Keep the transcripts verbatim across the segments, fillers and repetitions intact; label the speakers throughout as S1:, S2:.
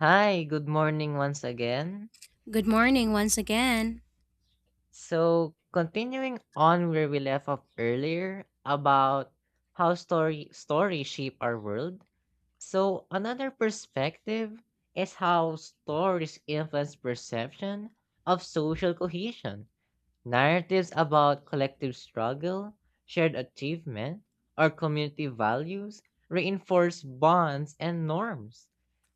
S1: Hi, good morning once again.
S2: Good morning once again.
S1: So, continuing on where we left off earlier about how story stories shape our world. So, another perspective is how stories influence perception of social cohesion. Narratives about collective struggle, shared achievement, or community values reinforce bonds and norms.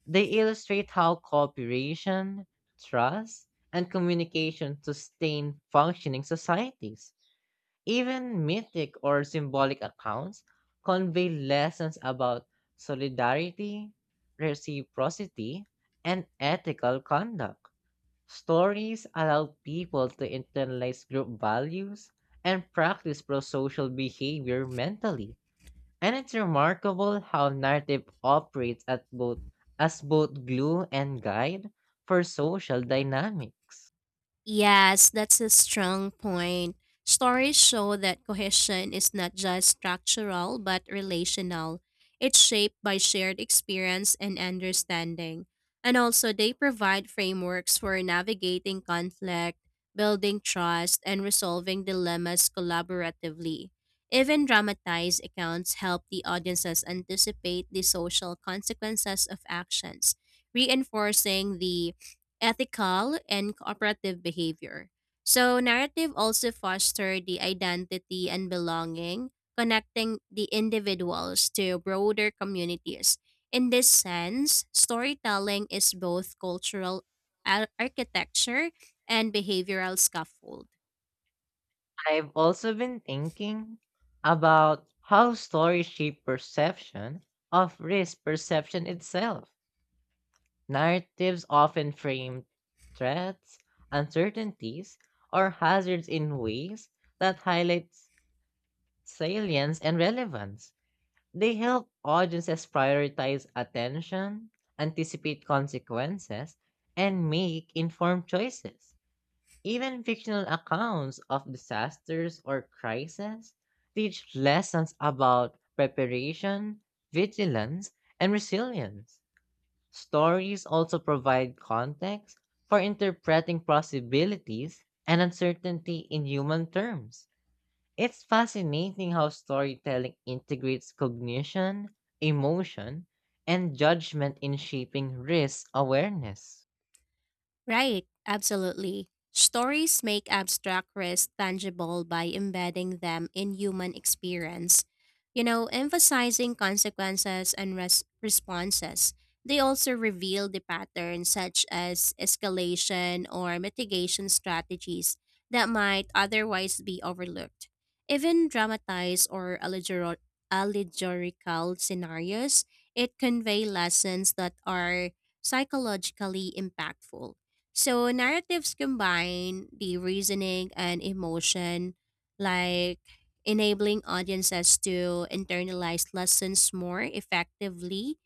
S1: They illustrate how cooperation, trust, and communication sustain functioning societies. Even mythic or symbolic accounts convey lessons about solidarity, reciprocity, and ethical conduct. Stories allow people to internalize group values and practice pro social behavior mentally. And it's remarkable how narrative operates at both as both glue and guide for social dynamics.
S2: Yes, that's a strong point. Stories show that cohesion is not just structural but relational. It's shaped by shared experience and understanding. And also, they provide frameworks for navigating conflict, building trust, and resolving dilemmas collaboratively. Even dramatized accounts help the audiences anticipate the social consequences of actions, reinforcing the ethical and cooperative behavior. So narrative also foster the identity and belonging, connecting the individuals to broader communities. In this sense, storytelling is both cultural ar- architecture and behavioral scaffold.
S1: I've also been thinking about how stories shape perception of risk perception itself. Narratives often frame threats, uncertainties, or hazards in ways that highlights salience and relevance. They help audiences prioritize attention, anticipate consequences, and make informed choices. Even fictional accounts of disasters or crises teach lessons about preparation, vigilance, and resilience. Stories also provide context for interpreting possibilities and uncertainty in human terms. It's fascinating how storytelling integrates cognition, emotion, and judgment in shaping risk awareness.
S2: Right, absolutely. Stories make abstract risk tangible by embedding them in human experience, you know, emphasizing consequences and res- responses. They also reveal the patterns such as escalation or mitigation strategies that might otherwise be overlooked. Even dramatized or allegor- allegorical scenarios, it convey lessons that are psychologically impactful. So narratives combine the reasoning and emotion, like enabling audiences to internalize lessons more effectively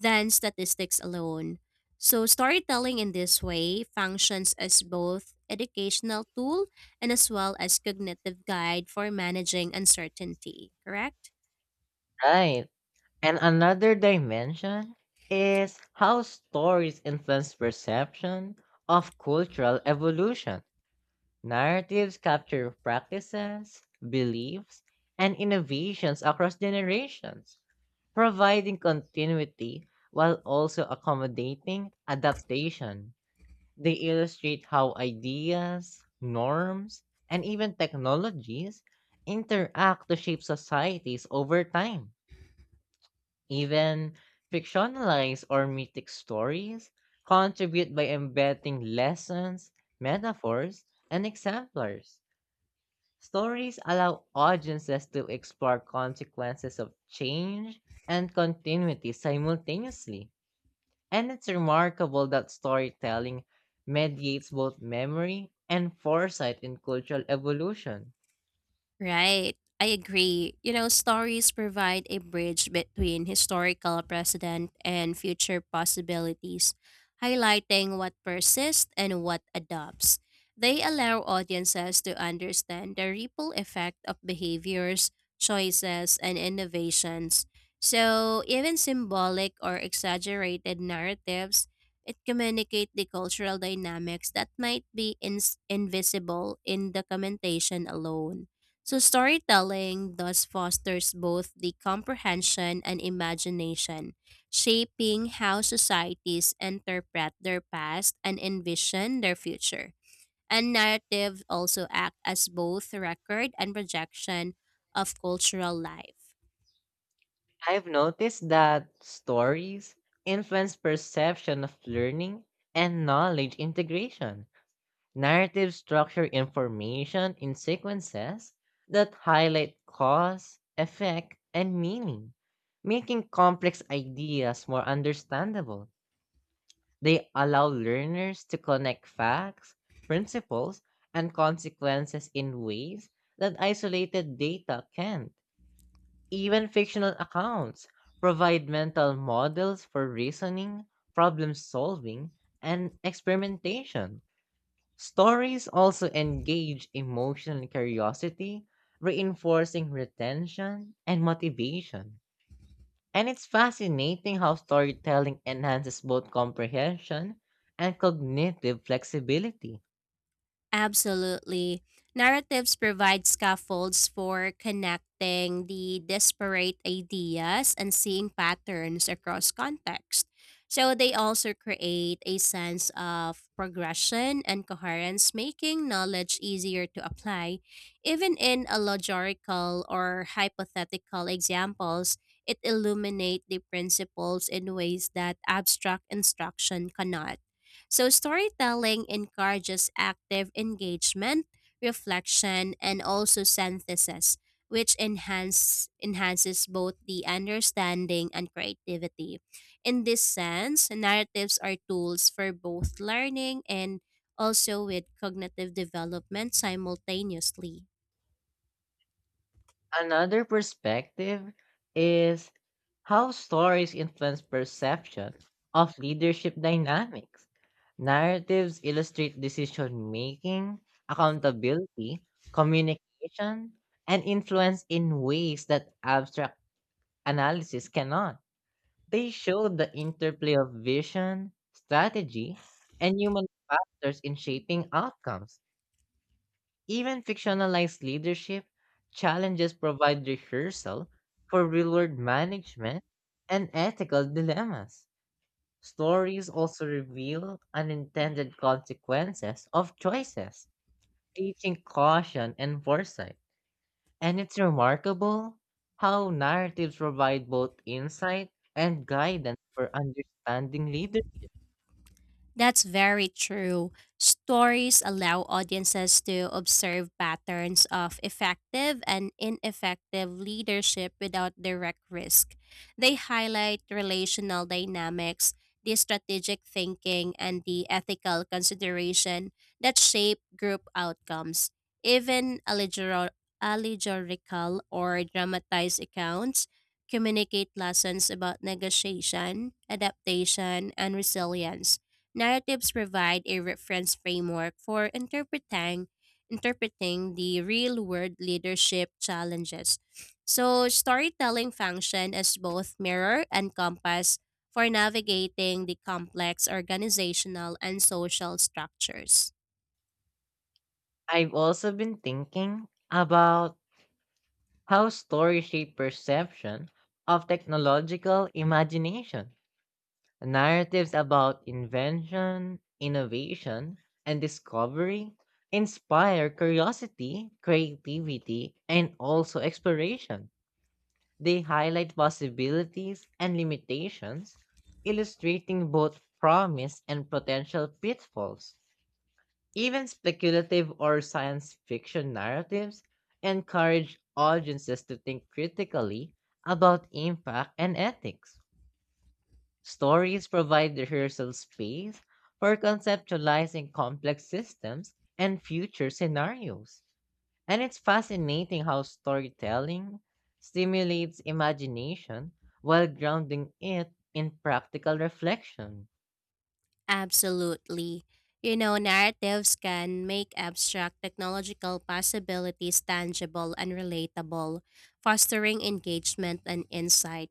S2: than statistics alone. So storytelling in this way functions as both educational tool and as well as cognitive guide for managing uncertainty, correct?
S1: Right. And another dimension is how stories influence perception of cultural evolution. Narratives capture practices, beliefs, and innovations across generations, providing continuity while also accommodating adaptation. They illustrate how ideas, norms, and even technologies interact to shape societies over time. Even fictionalized or mythic stories contribute by embedding lessons, metaphors, and exemplars. Stories allow audiences to explore consequences of change and continuity simultaneously. And it's remarkable that storytelling mediates both memory and foresight in cultural evolution.
S2: Right. I agree. You know, stories provide a bridge between historical precedent and future possibilities, highlighting what persists and what adopts. They allow audiences to understand the ripple effect of behaviors, choices, and innovations. So, even symbolic or exaggerated narratives, it communicate the cultural dynamics that might be ins invisible in documentation alone. So, storytelling thus fosters both the comprehension and imagination, shaping how societies interpret their past and envision their future. And narratives also act as both record and projection of cultural life.
S1: I've noticed that stories influence perception of learning and knowledge integration. Narrative structure information in sequences that highlight cause, effect, and meaning, making complex ideas more understandable. They allow learners to connect facts, principles, and consequences in ways that isolated data can't. Even fictional accounts provide mental models for reasoning, problem solving, and experimentation. Stories also engage emotional curiosity, reinforcing retention and motivation. And it's fascinating how storytelling enhances both comprehension and cognitive flexibility.
S2: Absolutely. Narratives provide scaffolds for connecting the disparate ideas and seeing patterns across context. So they also create a sense of progression and coherence, making knowledge easier to apply. Even in allegorical or hypothetical examples, it illuminates the principles in ways that abstract instruction cannot. So, storytelling encourages active engagement, reflection, and also synthesis, which enhance, enhances both the understanding and creativity. In this sense, narratives are tools for both learning and also with cognitive development simultaneously.
S1: Another perspective is how stories influence perception of leadership dynamics. Narratives illustrate decision making, accountability, communication, and influence in ways that abstract analysis cannot. They show the interplay of vision, strategy, and human factors in shaping outcomes. Even fictionalized leadership challenges provide rehearsal for real world management and ethical dilemmas. Stories also reveal unintended consequences of choices, teaching caution and foresight. And it's remarkable how narratives provide both insight and guidance for understanding leaders.
S2: That's very true. Stories allow audiences to observe patterns of effective and ineffective leadership without direct risk. They highlight relational dynamics, the strategic thinking, and the ethical consideration that shape group outcomes. Even allegor- allegorical or dramatized accounts communicate lessons about negotiation, adaptation, and resilience. Narratives provide a reference framework for interpreting interpreting the real-world leadership challenges. So, storytelling function as both mirror and compass for navigating the complex organizational and social structures.
S1: I've also been thinking about how stories shape perception of technological imagination. Narratives about invention, innovation, and discovery inspire curiosity, creativity, and also exploration. They highlight possibilities and limitations, illustrating both promise and potential pitfalls. Even speculative or science fiction narratives encourage audiences to think critically about impact and ethics. Stories provide the rehearsal space for conceptualizing complex systems and future scenarios. And it's fascinating how storytelling stimulates imagination while grounding it in practical reflection.
S2: Absolutely. You know, narratives can make abstract technological possibilities tangible and relatable, fostering engagement and insight.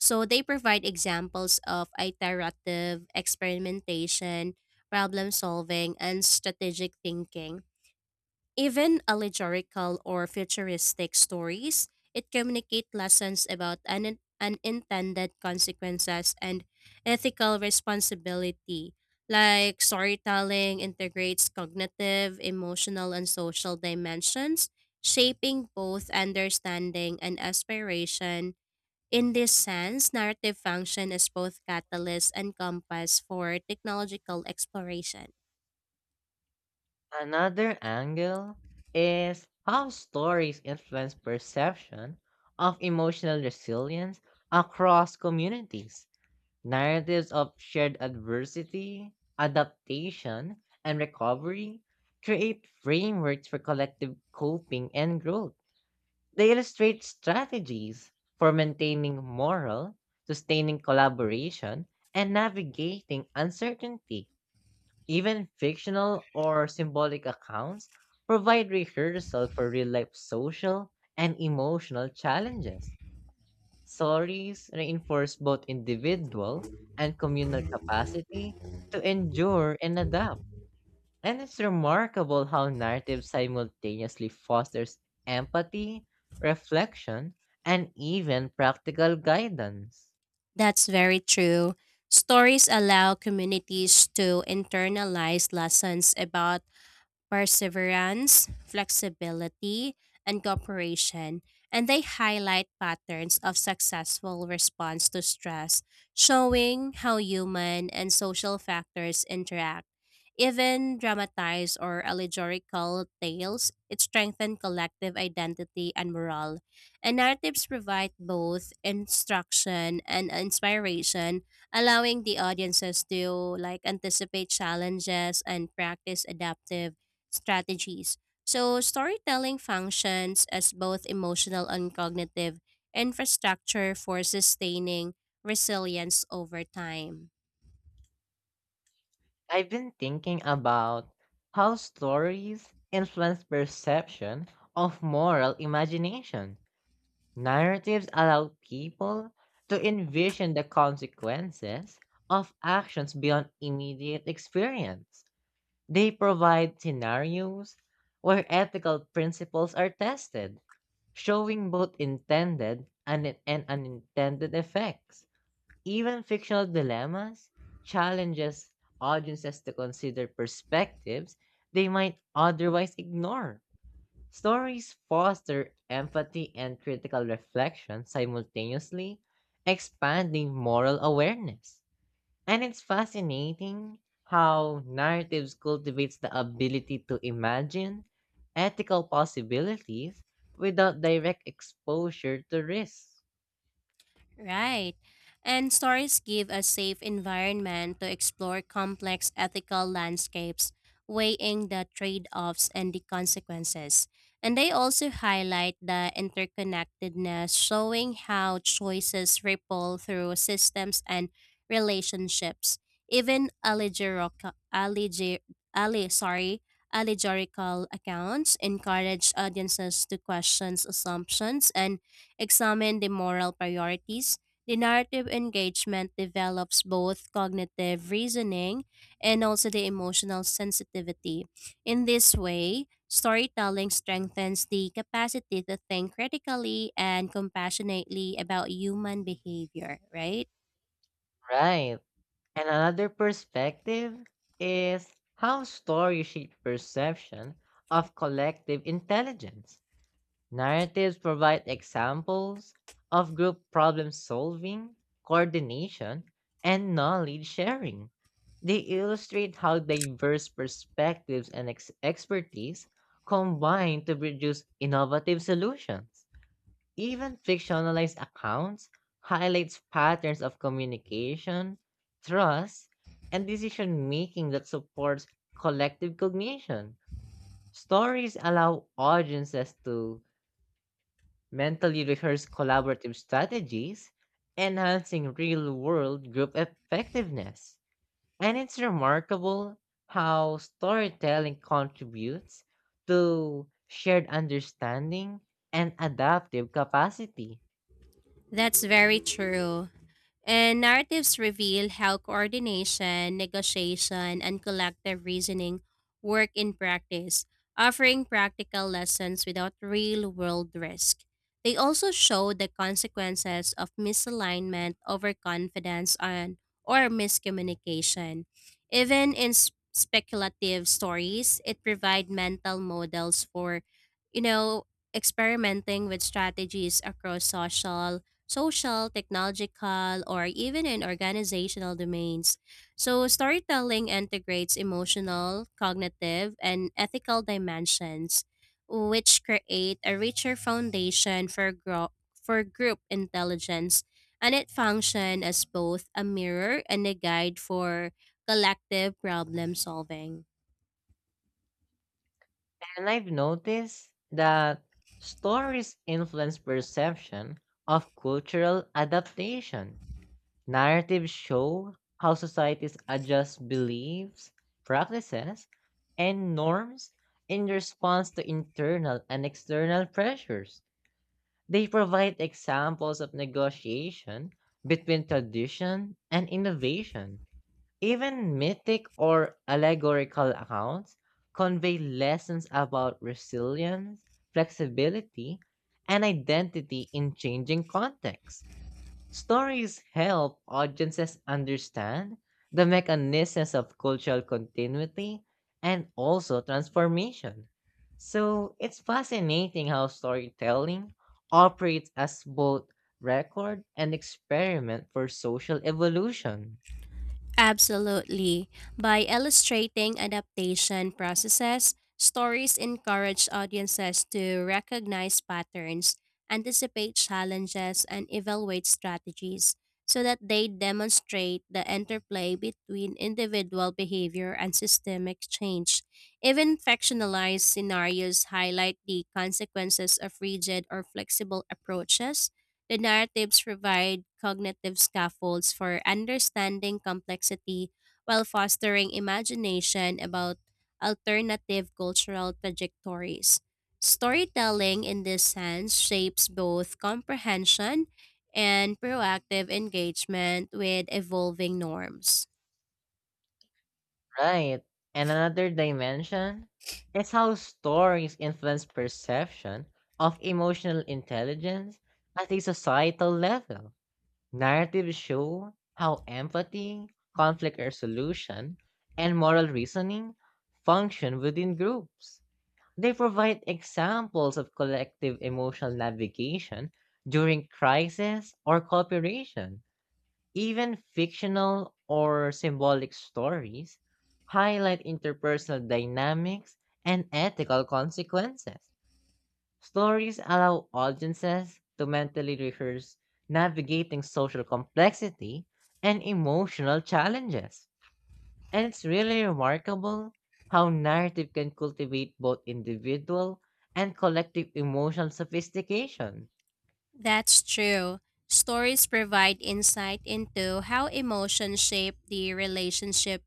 S2: So they provide examples of iterative experimentation, problem solving, and strategic thinking. Even allegorical or futuristic stories, it communicate lessons about un- unintended consequences and ethical responsibility. Like storytelling integrates cognitive, emotional, and social dimensions, shaping both understanding and aspiration. In this sense, narrative function as both catalyst and compass for technological exploration.
S1: Another angle is how stories influence perception of emotional resilience across communities. Narratives of shared adversity, adaptation, and recovery create frameworks for collective coping and growth. They illustrate strategies for maintaining moral, sustaining collaboration, and navigating uncertainty. Even fictional or symbolic accounts provide rehearsal for real life social and emotional challenges. Stories reinforce both individual and communal capacity to endure and adapt. And it's remarkable how narrative simultaneously fosters empathy, reflection, and even practical guidance.
S2: That's very true. Stories allow communities to internalize lessons about perseverance, flexibility, and cooperation, and they highlight patterns of successful response to stress, showing how human and social factors interact. Even dramatized or allegorical tales, it strengthen collective identity and morale. And narratives provide both instruction and inspiration allowing the audiences to like anticipate challenges and practice adaptive strategies. So, storytelling functions as both emotional and cognitive infrastructure for sustaining resilience over time.
S1: I've been thinking about how stories influence perception of moral imagination. Narratives allow people to envision the consequences of actions beyond immediate experience. They provide scenarios where ethical principles are tested, showing both intended and, and unintended effects. Even fictional dilemmas challenges audiences to consider perspectives they might otherwise ignore. Stories foster empathy and critical reflection simultaneously, expanding moral awareness. And it's fascinating how narratives cultivates the ability to imagine ethical possibilities without direct exposure to risk.
S2: Right. And stories give a safe environment to explore complex ethical landscapes, weighing the trade offs and the consequences. And they also highlight the interconnectedness, showing how choices ripple through systems and relationships. Even allegorical, allegor, alle, sorry, allegorical accounts encourage audiences to question assumptions and examine the moral priorities, the narrative engagement develops both cognitive reasoning and also the emotional sensitivity. In this way, storytelling strengthens the capacity to think critically and compassionately about human behavior, right?
S1: Right. And another perspective is how stories shape perception of collective intelligence. Narratives provide examples of group problem solving, coordination, and knowledge sharing. They illustrate how diverse perspectives and ex- expertise combine to produce innovative solutions. Even fictionalized accounts highlights patterns of communication, trust, and decision making that supports collective cognition. Stories allow audiences to mentally rehearse collaborative strategies, enhancing real-world group effectiveness. And it's remarkable how storytelling contributes to shared understanding and adaptive capacity.
S2: That's very true. And narratives reveal how coordination, negotiation, and collective reasoning work in practice, offering practical lessons without real world risk. They also show the consequences of misalignment, overconfidence, and, or miscommunication. Even in s- speculative stories, it provides mental models for, you know, experimenting with strategies across social, social, technological, or even in organizational domains. So, storytelling integrates emotional, cognitive, and ethical dimensions, which create a richer foundation for, gro- for group intelligence. And it functions as both a mirror and a guide for collective problem solving.
S1: And I've noticed that stories influence perception of cultural adaptation. Narratives show how societies adjust beliefs, practices, and norms in response to internal and external pressures. They provide examples of negotiation between tradition and innovation. Even mythic or allegorical accounts convey lessons about resilience, flexibility, and identity in changing contexts. Stories help audiences understand the mechanisms of cultural continuity and also transformation. So it's fascinating how storytelling operates as both record and experiment for social evolution.
S2: Absolutely. By illustrating adaptation processes, stories encourage audiences to recognize patterns, anticipate challenges, and evaluate strategies so that they demonstrate the interplay between individual behavior and systemic change. Even fictionalized scenarios highlight the consequences of rigid or flexible approaches. The narratives provide cognitive scaffolds for understanding complexity while fostering imagination about alternative cultural trajectories. Storytelling, in this sense, shapes both comprehension and proactive engagement with evolving norms.
S1: Right. And another dimension is how stories influence perception of emotional intelligence at a societal level. Narratives show how empathy, conflict resolution, and moral reasoning function within groups. They provide examples of collective emotional navigation during crisis or cooperation. Even fictional or symbolic stories highlight interpersonal dynamics and ethical consequences. Stories allow audiences to mentally rehearse navigating social complexity and emotional challenges. And it's really remarkable how narrative can cultivate both individual and collective emotional sophistication.
S2: That's true. Stories provide insight into how emotions shape the relationship,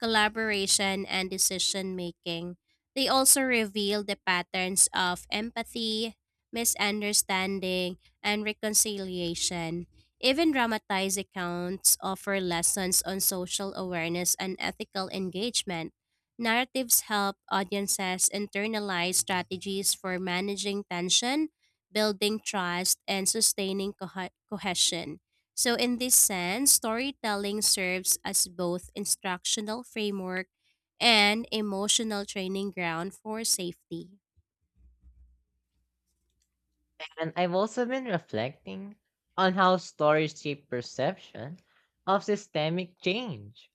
S2: collaboration, and decision making. They also reveal the patterns of empathy, misunderstanding, and reconciliation. Even dramatized accounts offer lessons on social awareness and ethical engagement. Narratives help audiences internalize strategies for managing tension, building trust, and sustaining cohe- cohesion. So, in this sense, storytelling serves as both instructional framework and emotional training ground for safety.
S1: And I've also been reflecting on how stories shape perception of systemic change.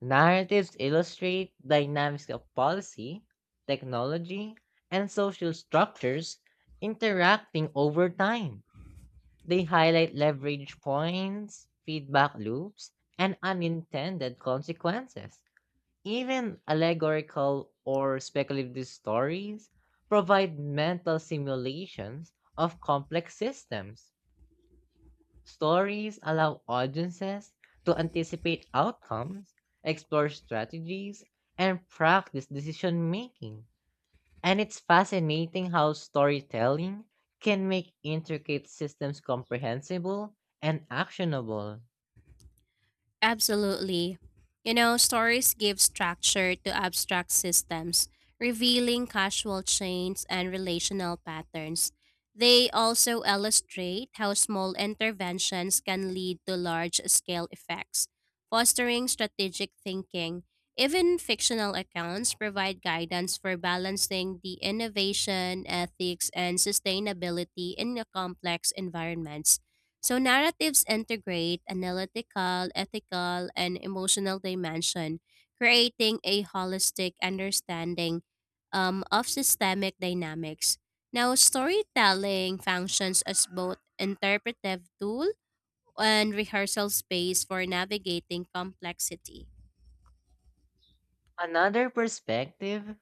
S1: Narratives illustrate dynamics of policy, technology, and social structures interacting over time. They highlight leverage points, feedback loops, and unintended consequences. Even allegorical or speculative stories provide mental simulations of complex systems. Stories allow audiences to anticipate outcomes, explore strategies, and practice decision making. And it's fascinating how storytelling can make intricate systems comprehensible and actionable.
S2: Absolutely. You know, stories give structure to abstract systems, revealing causal chains and relational patterns. They also illustrate how small interventions can lead to large scale effects, fostering strategic thinking. Even fictional accounts provide guidance for balancing the innovation, ethics, and sustainability in a complex environments. So narratives integrate analytical, ethical, and emotional dimension, creating a holistic understanding um, of systemic dynamics. Now, storytelling functions as both interpretive tool and rehearsal space for navigating complexity.
S1: Another perspective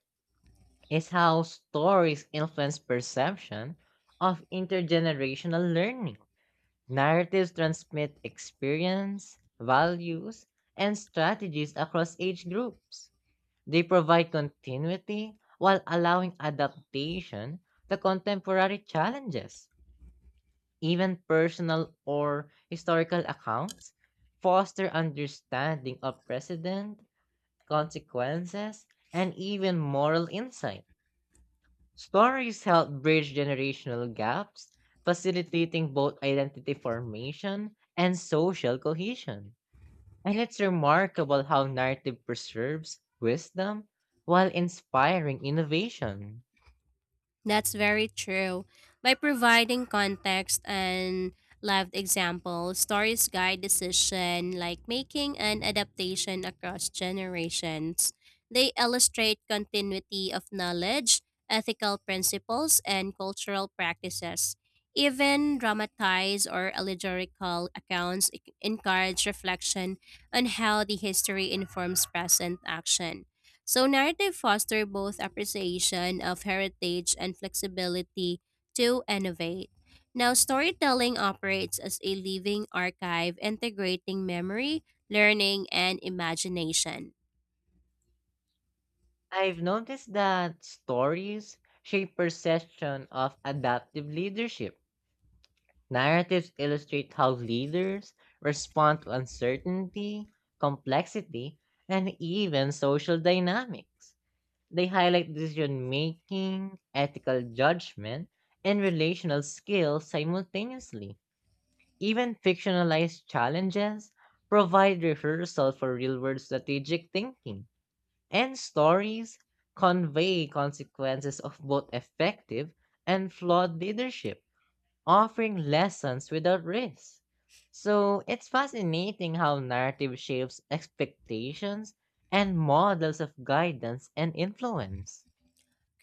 S1: is how stories influence perception of intergenerational learning. Narratives transmit experience, values, and strategies across age groups. They provide continuity while allowing adaptation to contemporary challenges. Even personal or historical accounts foster understanding of precedent, consequences, and even moral insight. Stories help bridge generational gaps, facilitating both identity formation and social cohesion. And it's remarkable how narrative preserves wisdom while inspiring innovation.
S2: That's very true. By providing context and lived examples, stories guide decision like making and adaptation across generations. They illustrate continuity of knowledge, ethical principles, and cultural practices. Even dramatized or allegorical accounts encourage reflection on how the history informs present action. So narrative foster both appreciation of heritage and flexibility to innovate. Now storytelling operates as a living archive integrating memory, learning, and imagination.
S1: I've noticed that stories shape perception of adaptive leadership. Narratives illustrate how leaders respond to uncertainty, complexity, and even social dynamics. They highlight decision making, ethical judgment, and relational skills simultaneously. Even fictionalized challenges provide rehearsal for real world strategic thinking, and stories convey consequences of both effective and flawed leadership, offering lessons without risk. So it's fascinating how narrative shapes expectations and models of guidance and influence.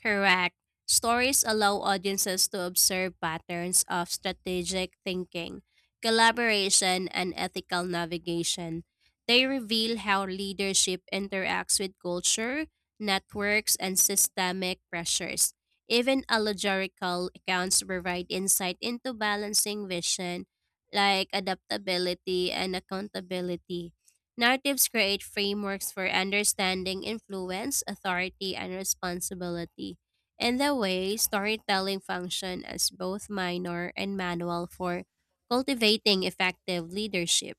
S2: Correct. Stories allow audiences to observe patterns of strategic thinking, collaboration, and ethical navigation. They reveal how leadership interacts with culture, networks, and systemic pressures. Even allegorical accounts provide insight into balancing vision, like adaptability and accountability. Narratives create frameworks for understanding influence, authority, and responsibility. In that way, storytelling functions as both minor and manual for cultivating effective leadership.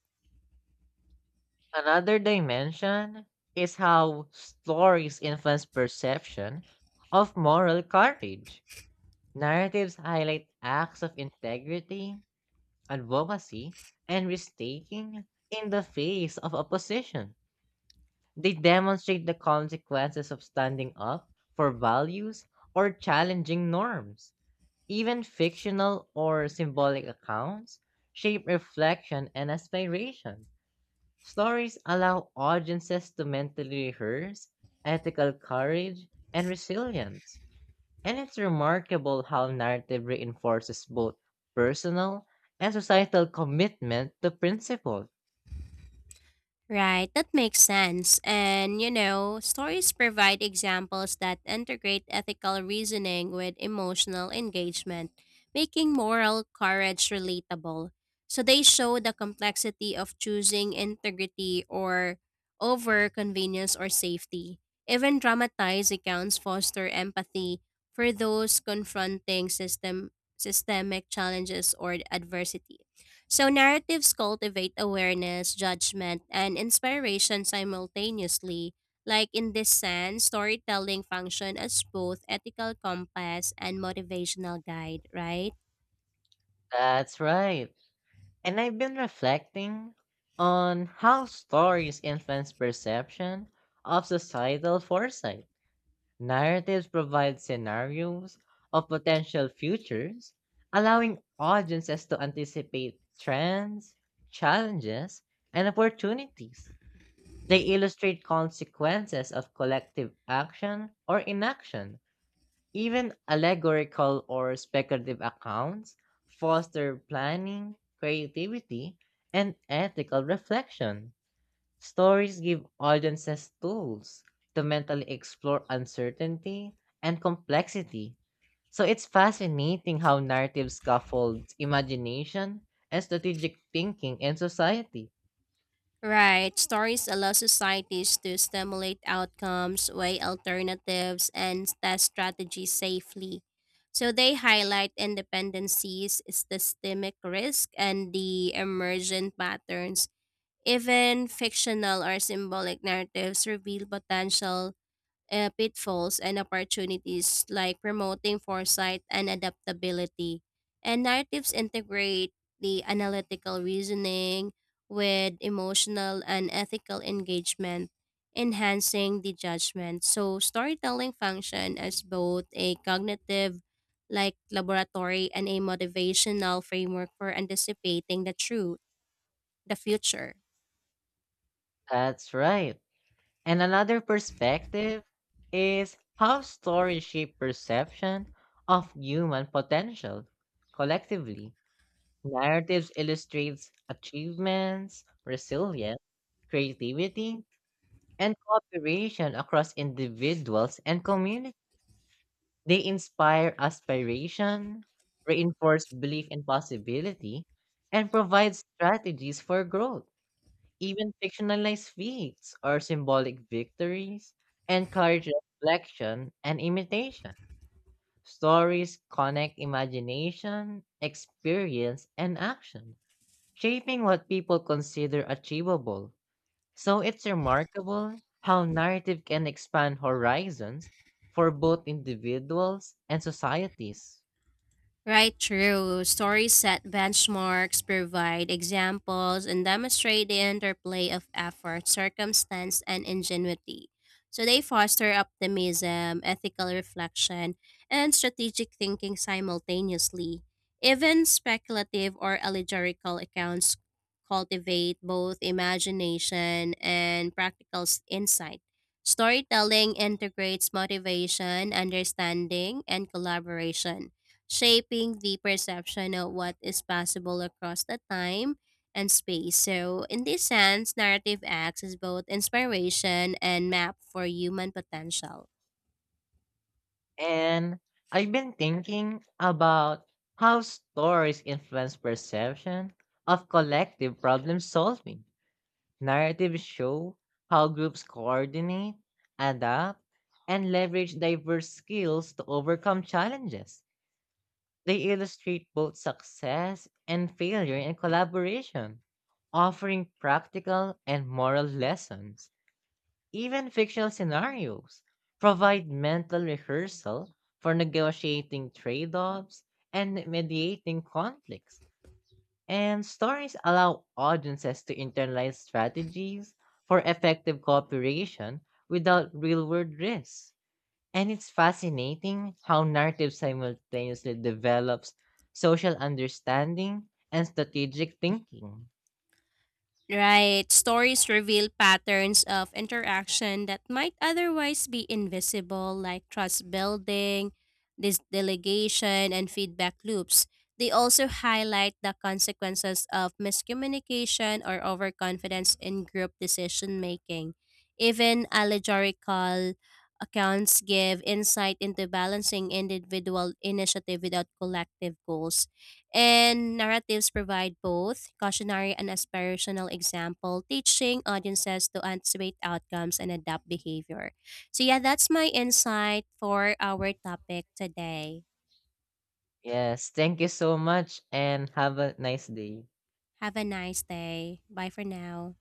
S1: Another dimension is how stories influence perception of moral courage. Narratives highlight acts of integrity, advocacy, and risk-taking in the face of opposition. They demonstrate the consequences of standing up for values or challenging norms. Even fictional or symbolic accounts shape reflection and aspiration. Stories allow audiences to mentally rehearse ethical courage and resilience, and it's remarkable how narrative reinforces both personal and societal commitment to principle.
S2: Right, that makes sense. And, you know, stories provide examples that integrate ethical reasoning with emotional engagement, making moral courage relatable. So they show the complexity of choosing integrity or over convenience or safety. Even dramatized accounts foster empathy for those confronting system systemic challenges or adversity. So, narratives cultivate awareness, judgment, and inspiration simultaneously. Like in this sense, storytelling function as both ethical compass and motivational guide, right?
S1: That's right. And I've been reflecting on how stories influence perception of societal foresight. Narratives provide scenarios of potential futures, allowing audiences to anticipate trends, challenges, and opportunities. They illustrate consequences of collective action or inaction. Even allegorical or speculative accounts foster planning, creativity, and ethical reflection. Stories give audiences tools to mentally explore uncertainty and complexity. So it's fascinating how narrative scaffolds imagination and strategic thinking in society.
S2: Right. Stories allow societies to stimulate outcomes, weigh alternatives, and test strategies safely. So they highlight independencies, systemic risk, and the emergent patterns. Even fictional or symbolic narratives reveal potential uh, pitfalls and opportunities, like promoting foresight and adaptability. And narratives integrate the analytical reasoning with emotional and ethical engagement, enhancing the judgment. So, storytelling function as both a cognitive like laboratory and a motivational framework for anticipating the truth, the future.
S1: That's right. And another perspective is how stories shape perception of human potential collectively. Narratives illustrates achievements, resilience, creativity, and cooperation across individuals and communities. They inspire aspiration, reinforce belief in possibility, and provide strategies for growth. Even fictionalized feats or symbolic victories encourage reflection and imitation. Stories connect imagination, experience, and action, shaping what people consider achievable. So it's remarkable how narrative can expand horizons for both individuals and societies.
S2: Right, true. Stories set benchmarks, provide examples, and demonstrate the interplay of effort, circumstance, and ingenuity. So they foster optimism, ethical reflection, and strategic thinking simultaneously. Even speculative or allegorical accounts cultivate both imagination and practical s- insight. Storytelling integrates motivation, understanding, and collaboration shaping the perception of what is possible across the time and space. So, in this sense, narrative acts as both inspiration and map for human potential.
S1: And I've been thinking about how stories influence perception of collective problem solving. Narratives show how groups coordinate, adapt, and leverage diverse skills to overcome challenges. They illustrate both success and failure in collaboration, offering practical and moral lessons. Even fictional scenarios provide mental rehearsal for negotiating trade offs and mediating conflicts. And stories allow audiences to internalize strategies for effective cooperation without real world risks. And it's fascinating how narrative simultaneously develops social understanding and strategic thinking.
S2: Right. Stories reveal patterns of interaction that might otherwise be invisible, like trust building, this delegation, and feedback loops. They also highlight the consequences of miscommunication or overconfidence in group decision making. Even allegorical accounts give insight into balancing individual initiative without collective goals. And narratives provide both cautionary and aspirational example, teaching audiences to anticipate outcomes and adapt behavior. So yeah, that's my insight for our topic today.
S1: Yes, thank you so much and have a nice day.
S2: Have a nice day. Bye for now.